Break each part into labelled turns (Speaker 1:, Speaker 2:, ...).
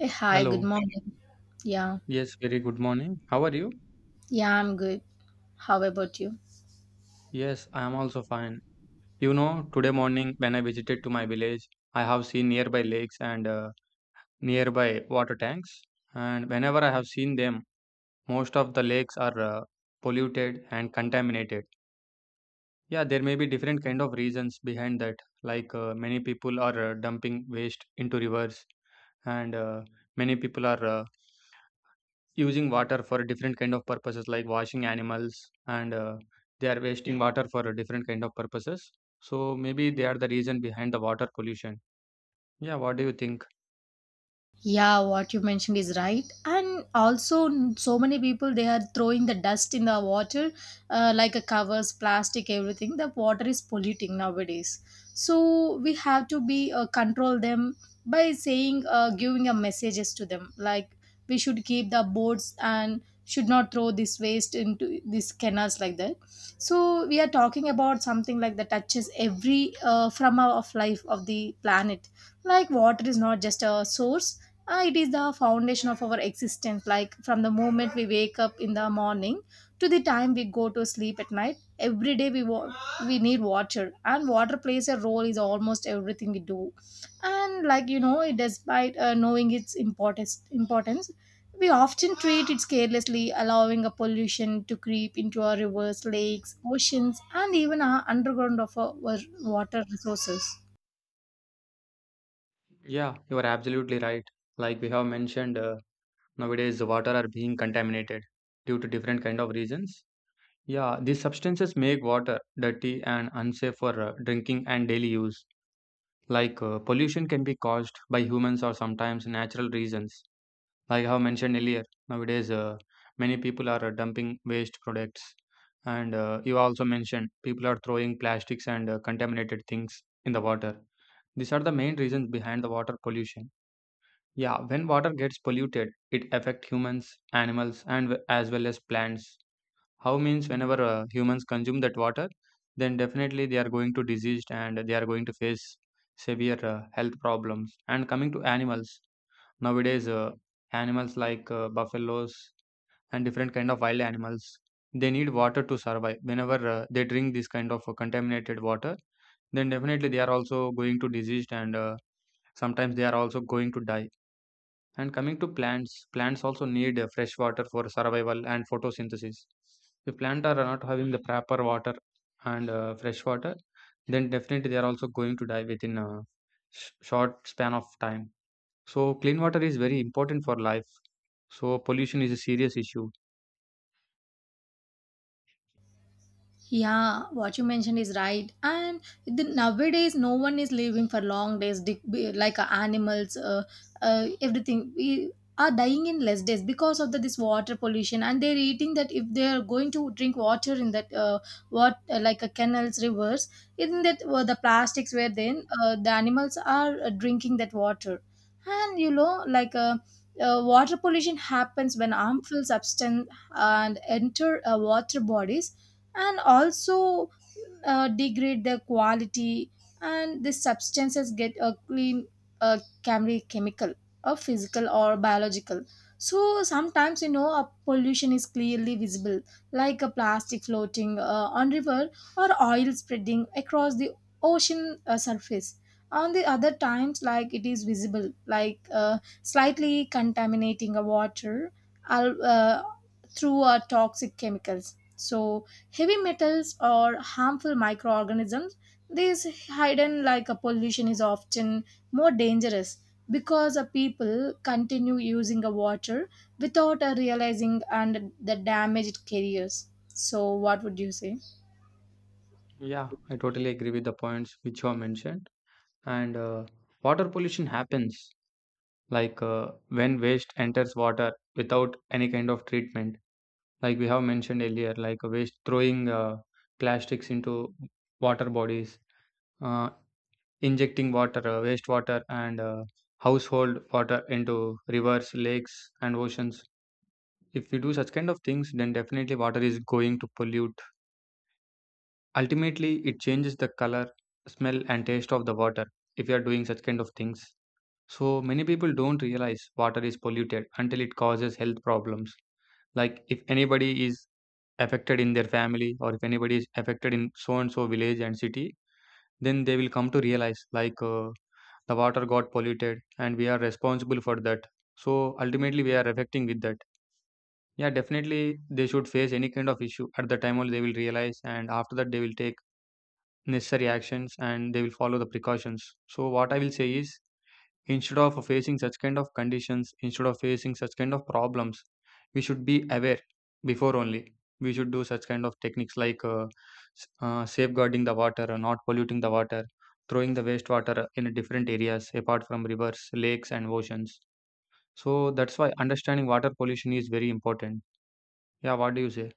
Speaker 1: Hey, hi, good
Speaker 2: Hello.
Speaker 1: morning. Yeah,
Speaker 2: Yes, very good morning. How are you?
Speaker 1: yeah, I'm good. How about you?
Speaker 2: Yes, I am also fine. You know, today morning when I visited to my village, I have seen nearby lakes and nearby water tanks. And whenever I have seen them, most of the lakes are polluted and contaminated. Yeah, there may be different kind of reasons behind that. Like, many people are dumping waste into rivers, and many people are using water for different kind of purposes like washing animals and they are wasting water for a different kind of purposes, so maybe they are the reason behind the water pollution. Yeah, what do you think?
Speaker 1: Yeah, what you mentioned is right. And also, so many people they are throwing the dust in the water, like a covers, plastic, everything. The water is polluting nowadays. So we have to be control them by saying, giving a messages to them, like we should keep the boards and should not throw this waste into these canals like that. So we are talking about something like that touches every from our of life of the planet. Like water is not just a source. It is the foundation of our existence. Like from the moment we wake up in the morning to the time we go to sleep at night, every day we need water, and water plays a role is almost everything we do. And like you know, it despite knowing its importance, importance, we often treat it carelessly, allowing a pollution to creep into our rivers, lakes, oceans, and even our underground of our water resources.
Speaker 2: Yeah, you are absolutely right. Like we have mentioned, nowadays the water are being contaminated due to different kind of reasons. Yeah, these substances make water dirty and unsafe for drinking and daily use. Like, pollution can be caused by humans or sometimes natural reasons. Like I have mentioned earlier, nowadays many people are dumping waste products, and you also mentioned people are throwing plastics and contaminated things in the water. These are the main reasons behind the water pollution. Yeah, when water gets polluted, it affects humans, animals, and as well as plants. How means whenever humans consume that water, then definitely they are going to diseased and they are going to face severe health problems. And coming to animals, nowadays, animals like buffaloes and different kind of wild animals, they need water to survive. Whenever they drink this kind of contaminated water, then definitely they are also going to diseased and sometimes they are also going to die. And coming to plants, plants also need fresh water for survival and photosynthesis. If plants are not having the proper water and fresh water, then definitely they are also going to die within a short span of time. So clean water is very important for life. So pollution is a serious issue.
Speaker 1: Yeah, what you mentioned is right. And the, nowadays, no one is living for long days, like animals, everything. We are dying in less days because of the, this water pollution. And they're eating that if they're going to drink water in that, what like a canals, rivers, in that the plastics were then, the animals are drinking that water. And you know, water pollution happens when harmful substance and enter water bodies and also degrade their quality, and the substances get a clean, chemical or physical or biological. So sometimes you know a pollution is clearly visible, like a plastic floating on river or oil spreading across the ocean surface. On the other times like it is visible, like slightly contaminating a water al- uh, through toxic chemicals. So heavy metals or harmful microorganisms, these hidden like a pollution is often more dangerous because people continue using the water without realizing and the damage it carries. So what would you say?
Speaker 2: Yeah, I totally agree with the points which you have mentioned. And water pollution happens like, when waste enters water without any kind of treatment. Like we have mentioned earlier, like waste throwing plastics into water bodies, uh, injecting water, wastewater, and household water into rivers, lakes, and oceans. If we do such kind of things, then definitely water is going to pollute. Ultimately, it changes the color, smell, and taste of the water if you are doing such kind of things. So, many people don't realize water is polluted until it causes health problems. Like, if anybody is affected in their family or if anybody is affected in so and so village and city, then they will come to realize, like, the water got polluted and we are responsible for that. So, ultimately, we are affecting with that. Yeah, definitely, they should face any kind of issue at the time only they will realize, and after that, they will take necessary actions and they will follow the precautions. So, what I will say is instead of facing such kind of conditions, instead of facing such kind of problems, we should be aware before only. We should do such kind of techniques like, safeguarding the water, not polluting the water, throwing the wastewater in different areas apart from rivers, lakes, and oceans. So, that's why understanding water pollution is very important. Yeah, what do you say?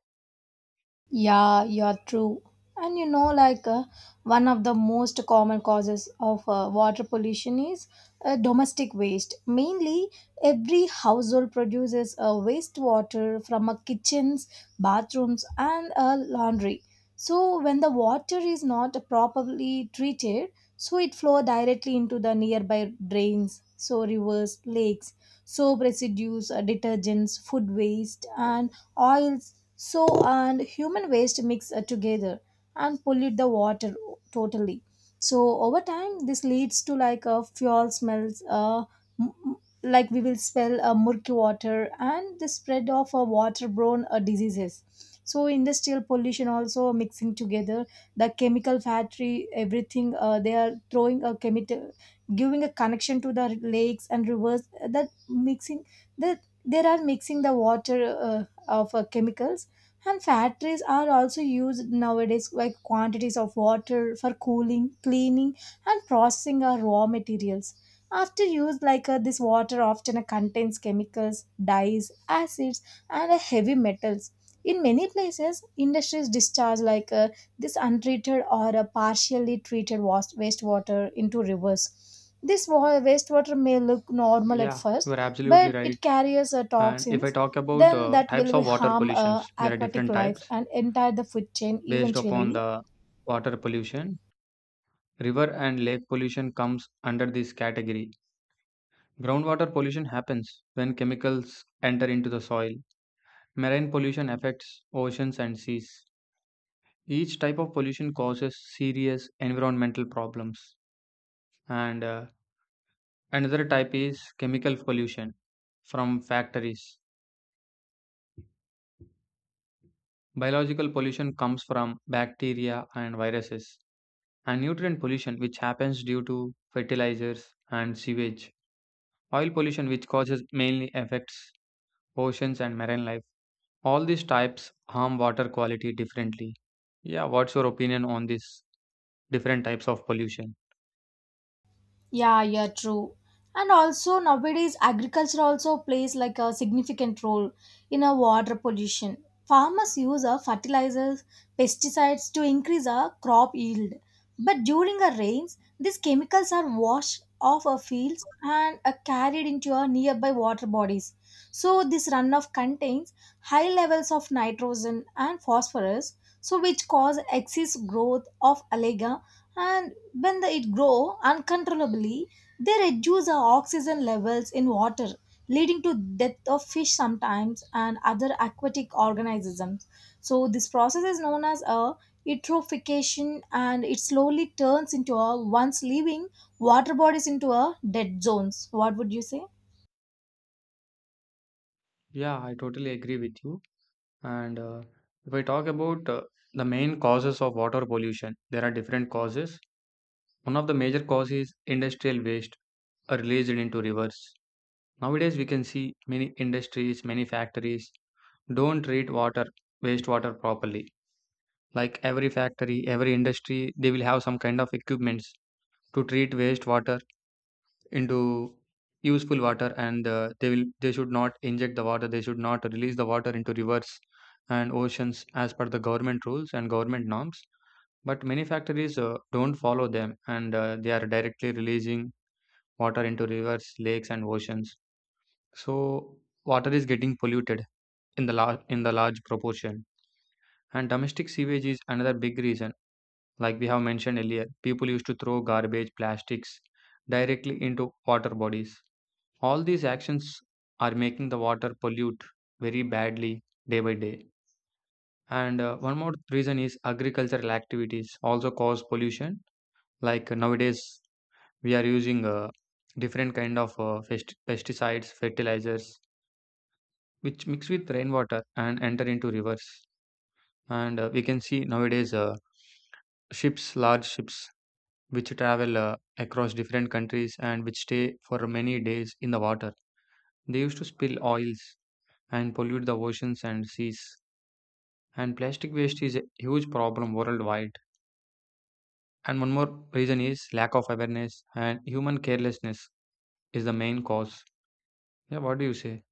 Speaker 1: Yeah, you're true. And you know, one of the most common causes of water pollution is domestic waste. Mainly, every household produces wastewater from kitchens, bathrooms, and laundry. So when the water is not properly treated, so it flow directly into the nearby drains, so rivers, lakes, soap residues, detergents, food waste and oils, so and human waste mix together and pollute the water totally. So over time this leads to like a fuel smells, m- like we will spell murky water and the spread of waterborne diseases. So industrial pollution also mixing together, the chemical factory everything, they are throwing a chemical, giving a connection to the lakes and rivers, that mixing, that they are mixing the water of chemicals. And factories are also used nowadays like quantities of water for cooling, cleaning and processing our raw materials. After use, like this water often contains chemicals, dyes, acids, and heavy metals. In many places, industries discharge like this untreated or uh, partially treated wastewater into rivers. This wastewater may look normal at
Speaker 2: Yeah, you
Speaker 1: first,
Speaker 2: are absolutely
Speaker 1: but
Speaker 2: right.
Speaker 1: it carries
Speaker 2: And if I
Speaker 1: toxins.
Speaker 2: talk about
Speaker 1: Then that will
Speaker 2: types
Speaker 1: be
Speaker 2: of water
Speaker 1: harm
Speaker 2: pollutions, there are
Speaker 1: aquatic
Speaker 2: different
Speaker 1: life
Speaker 2: types
Speaker 1: and entire the food chain
Speaker 2: based upon
Speaker 1: eventually.
Speaker 2: the water pollution. River and lake pollution comes under this category. Groundwater pollution happens when chemicals enter into the soil. Marine pollution affects oceans and seas. Each type of pollution causes serious environmental problems. And another type is chemical pollution from factories. Biological pollution comes from bacteria and viruses and nutrient pollution, which happens due to fertilizers and sewage. Oil pollution, which causes mainly affects oceans and marine life. All these types harm water quality differently. Yeah, what's your opinion on these different types of pollution?
Speaker 1: Yeah, yeah, true. And also nowadays agriculture also plays like a significant role in a water pollution. Farmers use a fertilizers, pesticides to increase a crop yield. But during the rains, these chemicals are washed off our fields and are carried into our nearby water bodies. So this runoff contains high levels of nitrogen and phosphorus, so which cause excess growth of algae, and when the, it grow uncontrollably, they reduce the oxygen levels in water, leading to death of fish sometimes and other aquatic organisms. So this process is known as a eutrophication, and it slowly turns into a once living water bodies into a dead zones. What would you say?
Speaker 2: Yeah, I totally agree with you. And if I talk about the main causes of water pollution, there are different causes. One of the major causes is industrial waste are released into rivers. Nowadays, we can see many industries, many factories don't treat water wastewater properly, like every factory, every industry, they will have some kind of equipments to treat wastewater into useful water, and they should not inject the water, they should not release the water into rivers and oceans as per the government rules and government norms, but many factories don't follow them, and they are directly releasing water into rivers, lakes, and oceans. So water is getting polluted in the large proportion. And domestic sewage is another big reason. Like we have mentioned earlier, people used to throw garbage, plastics directly into water bodies. All these actions are making the water pollute very badly day by day. And one more reason is agricultural activities also cause pollution. Like, nowadays, we are using different kind of pesticides, fertilizers, which mix with rainwater and enter into rivers. And we can see nowadays ships, large ships, which travel across different countries and which stay for many days in the water, they used to spill oils and pollute the oceans and seas. And plastic waste is a huge problem worldwide. And one more reason is lack of awareness and human carelessness is the main cause. Yeah, what do you say?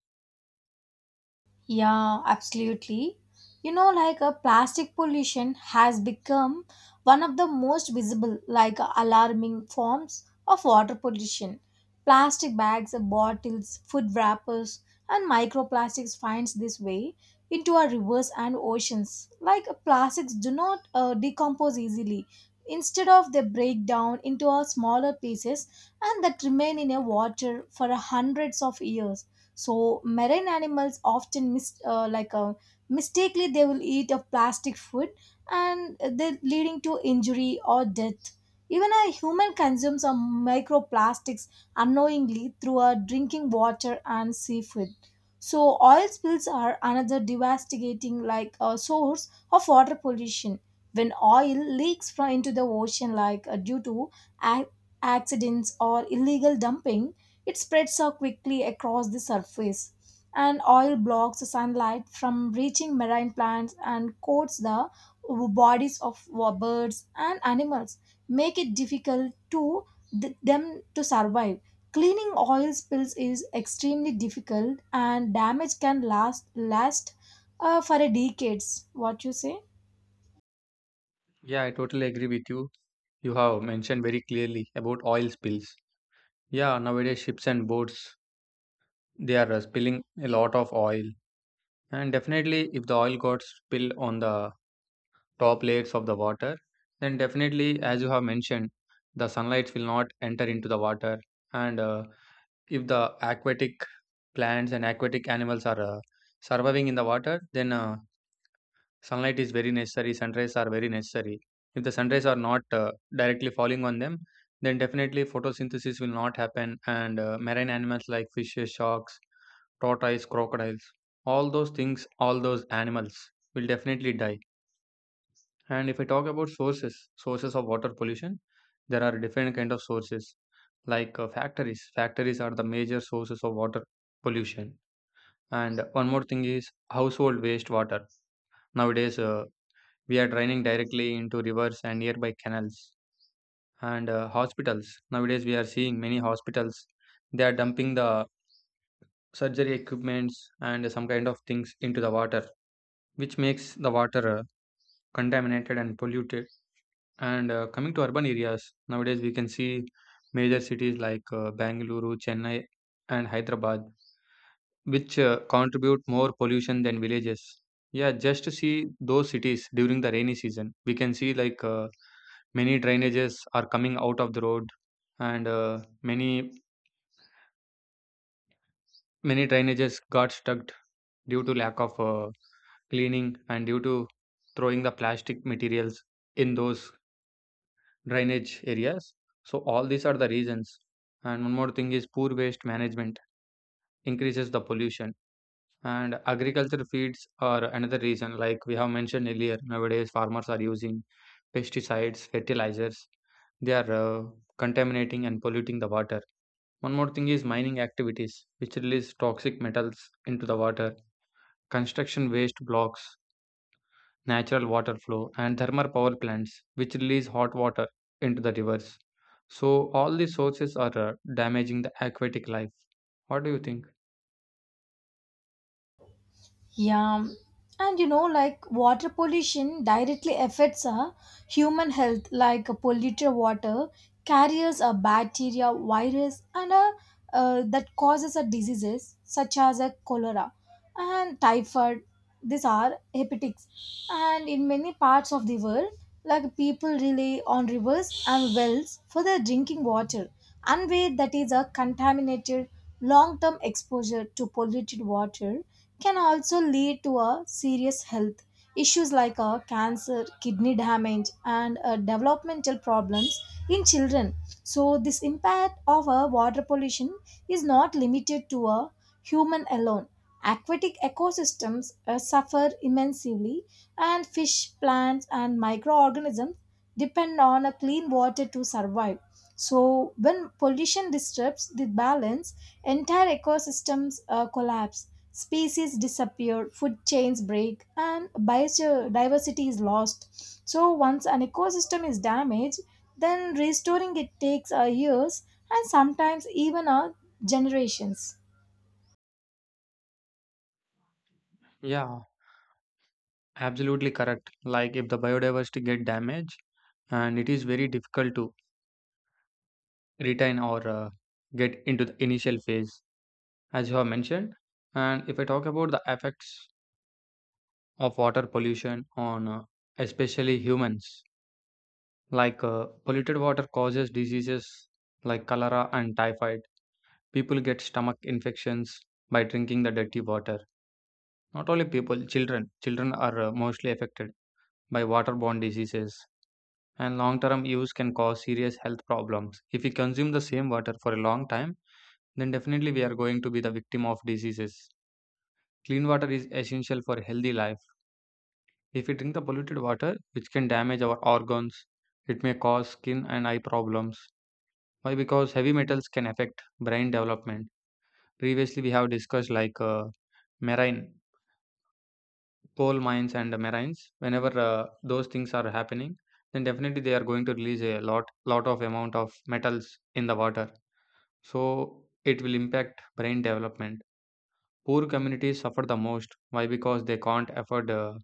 Speaker 1: Yeah, absolutely. You know, like a plastic pollution has become one of the most visible, like alarming forms of water pollution. Plastic bags, bottles, food wrappers, and microplastics finds this way into our rivers and oceans. Like plastics do not decompose easily. Instead of they break down into a smaller pieces and that remain in a water for hundreds of years. So marine animals often mistakenly they will eat of plastic food, and they leading to injury or death. Even a human consumes some microplastics unknowingly through our drinking water and seafood. So oil spills are another devastating like a source of water pollution. When oil leaks from into the ocean like due to ac- accidents or illegal dumping, it spreads so quickly across the surface, and oil blocks the sunlight from reaching marine plants and coats the bodies of birds and animals, make it difficult to them to survive. Cleaning oil spills is extremely difficult, and damage can last for a decades. What you say?
Speaker 2: Yeah, I totally agree with you. You have mentioned very clearly about oil spills. Yeah, nowadays ships and boats, they are spilling a lot of oil. And definitely, if the oil got spilled on the top layers of the water, then definitely, as you have mentioned, the sunlight will not enter into the water. And if the aquatic plants and aquatic animals are surviving in the water, then sunlight is very necessary, sunrays are very necessary. If the sunrays are not directly falling on them, then definitely photosynthesis will not happen, and marine animals like fishes, sharks, tortoise, crocodiles, all those things, all those animals will definitely die. And if I talk about sources, sources of water pollution, there are different kind of sources like, factories. Factories are the major sources of water pollution. And one more thing is household waste water. Nowadays, we are draining directly into rivers and nearby canals. And hospitals, nowadays we are seeing many hospitals, they are dumping the surgery equipments and some kind of things into the water, which makes the water contaminated and polluted. And coming to urban areas, nowadays we can see major cities like, Bangalore, Chennai, and Hyderabad, which contribute more pollution than villages. Yeah, just to see those cities during the rainy season, we can see like, many drainages are coming out of the road, and many, many drainages got stuck due to lack of cleaning and due to throwing the plastic materials in those drainage areas. So all these are the reasons. And one more thing is poor waste management increases the pollution. And agriculture feeds are another reason. Like we have mentioned earlier, nowadays farmers are using pesticides, fertilizers. They are contaminating and polluting the water. One more thing is mining activities, which release toxic metals into the water. Construction waste blocks natural water flow, and thermal power plants, which release hot water into the rivers. So, all these sources are damaging the aquatic life. What do you think?
Speaker 1: Yeah, and you know, like water pollution directly affects our human health, like polluted water carries a bacteria, virus, and a, that causes a diseases such as a cholera and typhoid. These are hepatics, and in many parts of the world, like people rely on rivers and wells for their drinking water, and where that is a contaminated long-term exposure to polluted water can also lead to a serious health issues like cancer, kidney damage and developmental problems in children. So this impact of water pollution is not limited to a human alone. Aquatic ecosystems suffer immensely, and fish, plants and microorganisms depend on a clean water to survive. So when pollution disturbs the balance, entire ecosystems collapse, species disappear, food chains break and biodiversity is lost. So once an ecosystem is damaged, then restoring it takes years, and sometimes even generations.
Speaker 2: Yeah, absolutely correct. Like, if the biodiversity get damaged, and it is very difficult to retain or get into the initial phase as you have mentioned. And if I talk about the effects of water pollution on especially humans, like, polluted water causes diseases like cholera and typhoid. People get stomach infections by drinking the dirty water. Not only people, children. Children are mostly affected by waterborne diseases. And long term use can cause serious health problems. If we consume the same water for a long time, then definitely we are going to be the victim of diseases. Clean water is essential for healthy life. If we drink the polluted water, which can damage our organs, it may cause skin and eye problems. Why? Because heavy metals can affect brain development. Previously, we have discussed like, marine coal mines and marines. Whenever those things are happening, then definitely they are going to release a lot, lot of amount of metals in the water. So it will impact brain development. Poor communities suffer the most. Why? Because they can't afford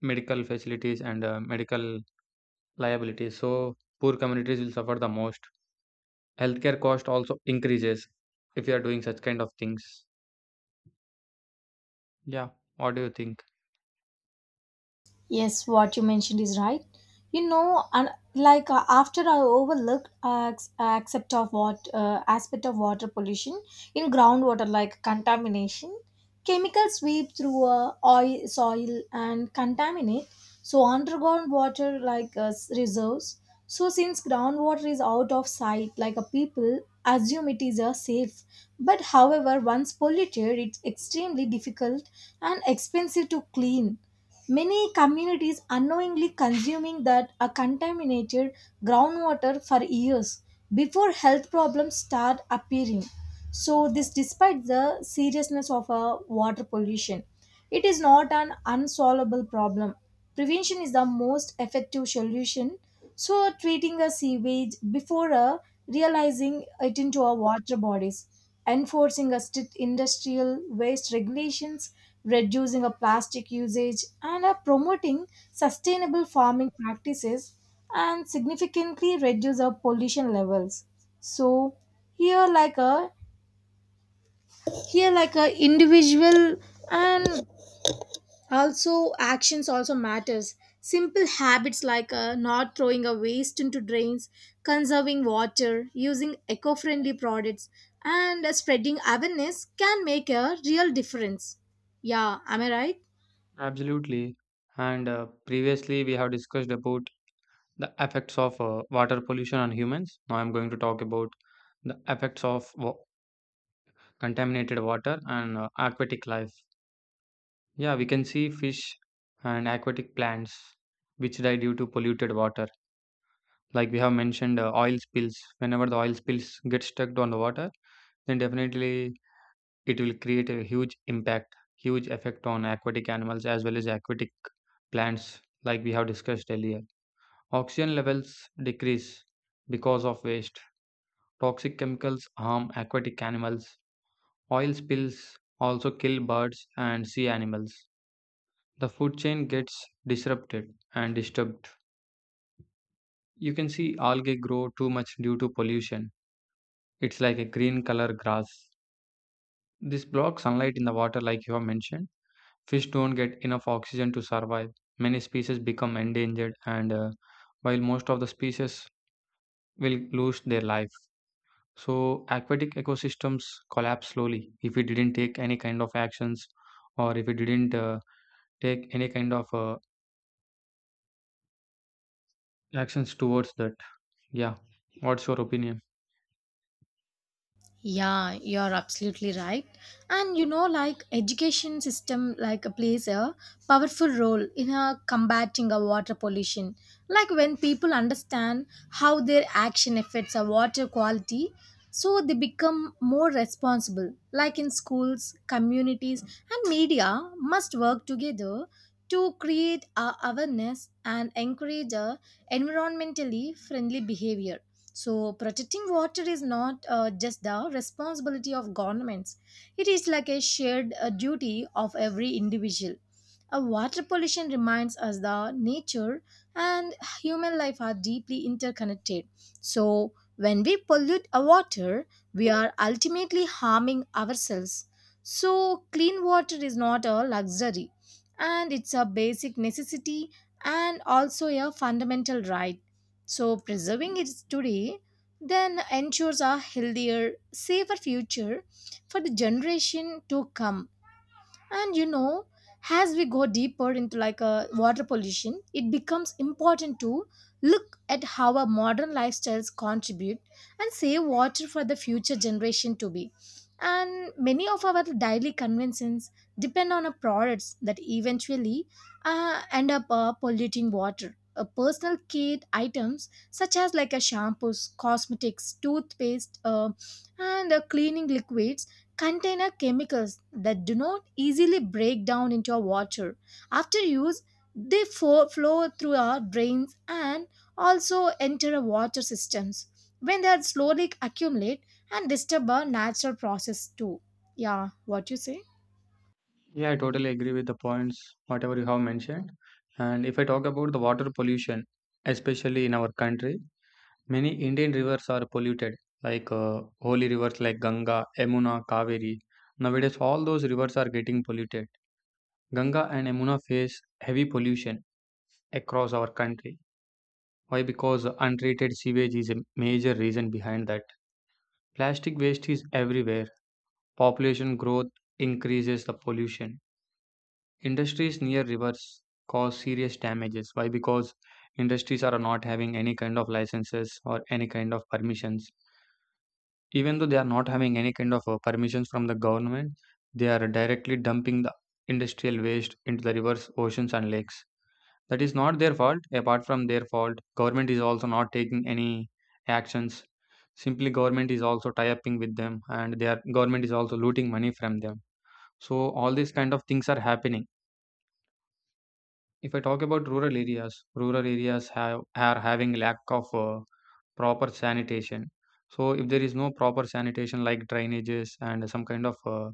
Speaker 2: medical facilities and medical liabilities. So poor communities will suffer the most. Healthcare cost also increases if you are doing such kind of things. Yeah, what do you think?
Speaker 1: Yes, what you mentioned is right. You know, and like after I overlooked accept of what aspect of water pollution in groundwater, like contamination, chemicals sweep through oil, soil, and contaminate. So underground water, like reserves. So since groundwater is out of sight, like a people assume it is a safe. But however, once polluted, it's extremely difficult and expensive to clean. Many communities unknowingly consuming that are contaminated groundwater for years before health problems start appearing. So this despite the seriousness of water pollution, it is not an unsolvable problem. Prevention is the most effective solution. So treating a sewage before realizing it into our water bodies, enforcing a strict industrial waste regulations, reducing a plastic usage, and are promoting sustainable farming practices and significantly reduce our pollution levels. So here like a here like a individual and also actions also matters. Simple habits like not throwing a waste into drains, conserving water, using eco-friendly products and spreading awareness can make a real difference. Yeah, am I right?
Speaker 2: Absolutely. And previously we have discussed about the effects of water pollution on humans. Now I'm going to talk about the effects of contaminated water and aquatic life. Yeah, we can see fish and aquatic plants which die due to polluted water. Like we have mentioned oil spills, whenever the oil spills get stuck on the water, then definitely it will create a huge impact, huge effect on aquatic animals as well as aquatic plants. Like we have discussed earlier, oxygen levels decrease because of waste. Toxic chemicals harm aquatic animals. Oil spills also kill birds and sea animals. The food chain gets disrupted and disturbed. You can see algae grow too much due to pollution. It's like a green color grass. This blocks sunlight in the water, like you have mentioned. Fish don't get enough oxygen to survive. Many species become endangered, and while most of the species will lose their life. So, aquatic ecosystems collapse slowly if we didn't take any kind of actions, or if we didn't take any kind of actions towards that. Yeah, what's your opinion?
Speaker 1: Yeah, you're absolutely right. And you know, like education system like plays a powerful role in combating a water pollution. Like when people understand how their action affects our water quality, so they become more responsible. Like in schools, communities, and media must work together to create a awareness and encourage a environmentally friendly behavior. So protecting water is not just the responsibility of governments. It is like a shared duty of every individual. Water pollution reminds us that nature and human life are deeply interconnected. So, when we pollute our water, we are ultimately harming ourselves. So, clean water is not a luxury, and it's a basic necessity and also a fundamental right. So, preserving it today then ensures a healthier, safer future for the generation to come. And you know, as we go deeper into like a water pollution, it becomes important to look at how our modern lifestyles contribute and save water for the future generation to be. And many of our daily conventions depend on our products that eventually end up polluting water. Personal care items such as like a shampoos, cosmetics, toothpaste, and cleaning liquids contain chemicals that do not easily break down into our water. After use, flow through our drains and also enter our water systems, when they are slowly accumulate and disturb our natural process too. Yeah, what you say?
Speaker 2: Yeah, I totally agree with the points, whatever you have mentioned. And if I talk about the water pollution, especially in our country, many Indian rivers are polluted, like holy rivers like Ganga, Yamuna, Kaveri. Nowadays, all those rivers are getting polluted. Ganga and Yamuna face heavy pollution across our country. Why? Because untreated sewage is a major reason behind that. Plastic waste is everywhere. Population growth increases the pollution. Industries near rivers cause serious damages. Why? Because industries are not having any kind of licenses or any kind of permissions. Even though they are not having any kind of permissions from the government, they are directly dumping the industrial waste into the rivers, oceans, and lakes. That is not their fault. Apart from their fault, government is also not taking any actions. Simply, government is also tie-upping with them, and their government is also looting money from them. So all these kind of things are happening. If I talk about rural areas have are having lack of proper sanitation. So if there is no proper sanitation like drainages and some kind of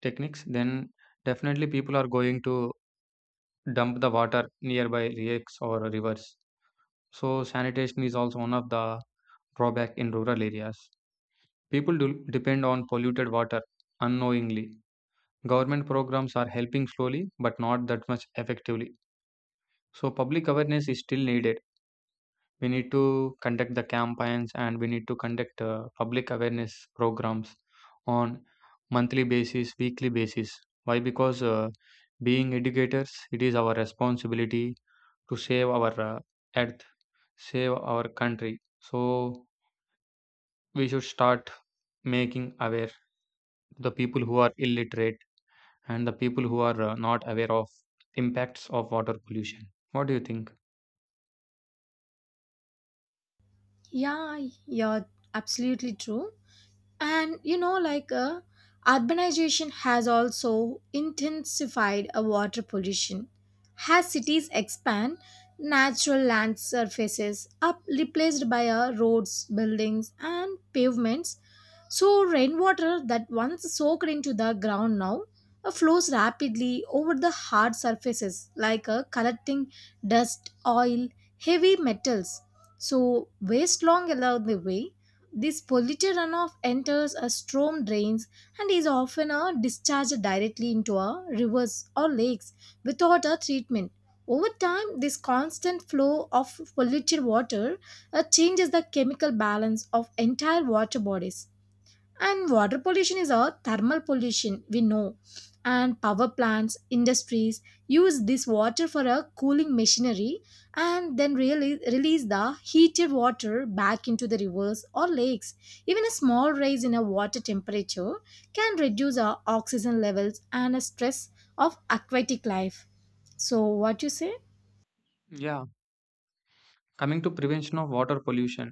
Speaker 2: techniques, then definitely people are going to dump the water nearby lakes or rivers. So sanitation is also one of the drawback in rural areas. People do depend on polluted water unknowingly. Government programs are helping slowly, but not that much effectively. So public awareness is still needed. We need to conduct the campaigns and we need to conduct public awareness programs on monthly basis, weekly basis. Why? Because being educators, it is our responsibility to save our earth, save our country. So we should start making aware the people who are illiterate and the people who are not aware of impacts of water pollution. What do you think?
Speaker 1: Yeah, you're absolutely true. And you know, like urbanization has also intensified a water pollution. As cities expand, natural land surfaces are replaced by roads, buildings and pavements. So rainwater that once soaked into the ground now flows rapidly over the hard surfaces, like collecting dust, oil, heavy metals, so waste long along the way. This polluted runoff enters a storm drains and is often discharged directly into our rivers or lakes without a treatment. Over time, this constant flow of polluted water changes the chemical balance of entire water bodies. And water pollution is a thermal pollution, we know. And power plants, industries use this water for a cooling machinery, and then really release the heated water back into the rivers or lakes. Even a small rise in a water temperature can reduce our oxygen levels and a stress of aquatic life. So, what you say?
Speaker 2: Yeah, coming to prevention of water pollution,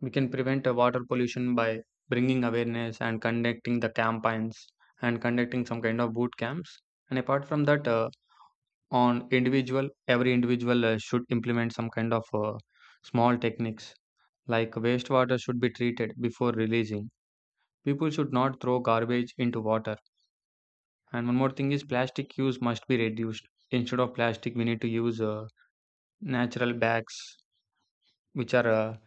Speaker 2: we can prevent water pollution by bringing awareness and conducting the campaigns and conducting some kind of boot camps. And apart from that, on individual, every individual should implement some kind of small techniques, like wastewater should be treated before releasing. People should not throw garbage into water. And one more thing is plastic use must be reduced. Instead of plastic, we need to use natural bags, which are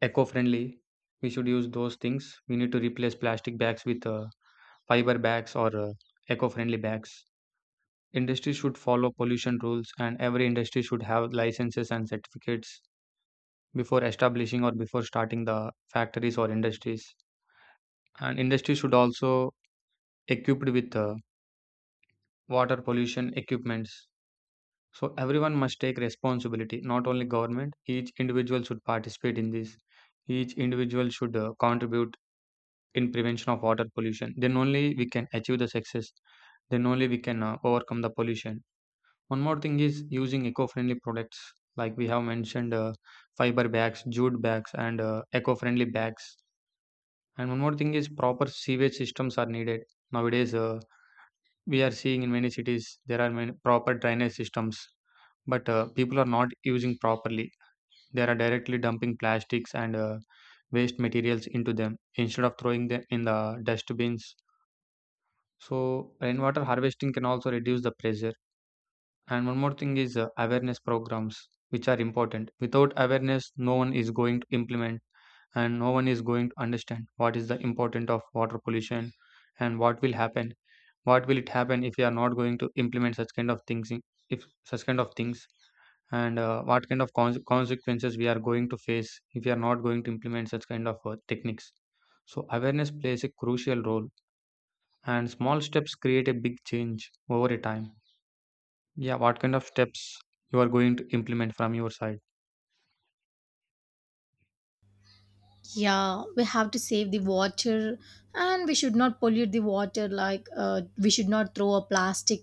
Speaker 2: eco-friendly. We should use those things. We need to replace plastic bags with fiber bags or eco-friendly bags. Industry should follow pollution rules, and every industry should have licenses and certificates before establishing or before starting the factories or industries. And industry should also equipped with water pollution equipments. So everyone must take responsibility, not only government. Each individual should participate in this. Each individual should contribute in prevention of water pollution, then only we can achieve the success, then only we can overcome the pollution. One more thing is using eco-friendly products, like we have mentioned fiber bags, jute bags, and eco-friendly bags. And one more thing is proper sewage systems are needed. Nowadays we are seeing in many cities there are many proper drainage systems, but people are not using properly. They are directly dumping plastics and waste materials into them instead of throwing them in the dustbins. So rainwater harvesting can also reduce the pressure. And one more thing is awareness programs, which are important. Without awareness, no one is going to implement and no one is going to understand what is the importance of water pollution and what will happen. What will it happen if we are not going to implement such kind of things? If such kind of things and what kind of consequences we are going to face if we are not going to implement such kind of techniques. So awareness plays a crucial role and small steps create a big change over a time. Yeah, what kind of steps you are going to implement from your side?
Speaker 1: Yeah, we have to save the water, and we should not pollute the water, like we should not throw a plastic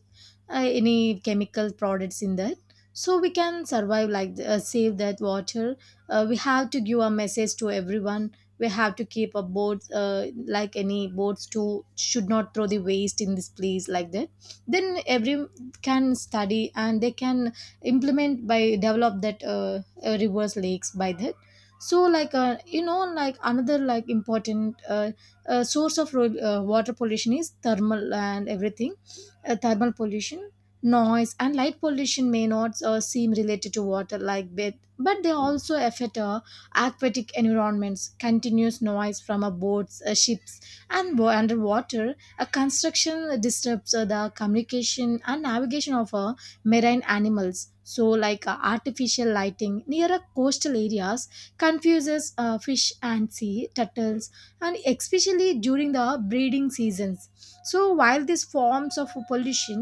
Speaker 1: any chemical products in that, so we can survive like save that water. We have to give a message to everyone. We have to keep a board, like any boards to should not throw the waste in this place like that. Then every can study, and they can implement by develop that, rivers, lakes by that. So like you know, like another like important source of water pollution is thermal and everything. Thermal pollution, noise and light pollution may not seem related to water like bit, but they also affect aquatic environments. Continuous noise from boats, ships and underwater a construction disturbs the communication and navigation of marine animals. So like artificial lighting near coastal areas confuses fish and sea turtles, and especially during the breeding seasons. So while these forms of pollution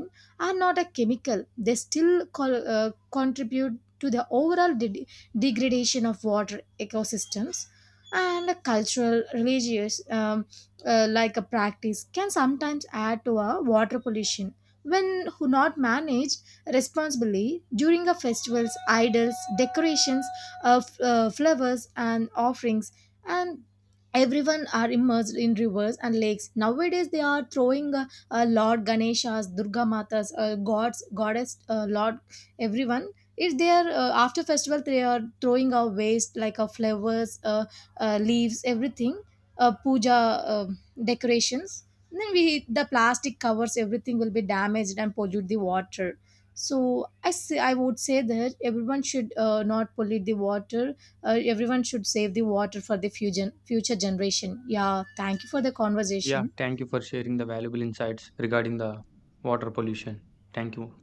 Speaker 1: are not a chemical, they still contribute to the overall degradation of water ecosystems. And a cultural religious like a practice can sometimes add to a water pollution when who not managed responsibly. During a festival's, idols, decorations, flowers and offerings, and everyone are immersed in rivers and lakes nowadays. They are throwing lord Ganeshas, Durga Matas, gods, goddess, lord, everyone is there. After festival they are throwing our waste, like flowers, leaves, everything, puja, uh, decorations. Then we, the plastic covers, everything will be damaged and pollute the water. So I say, I would say that everyone should not pollute the water. Everyone should save the water for the future generation. Yeah, thank you for the
Speaker 2: Yeah,
Speaker 1: conversation.
Speaker 2: thank you for sharing the valuable insights regarding the water pollution. Thank you.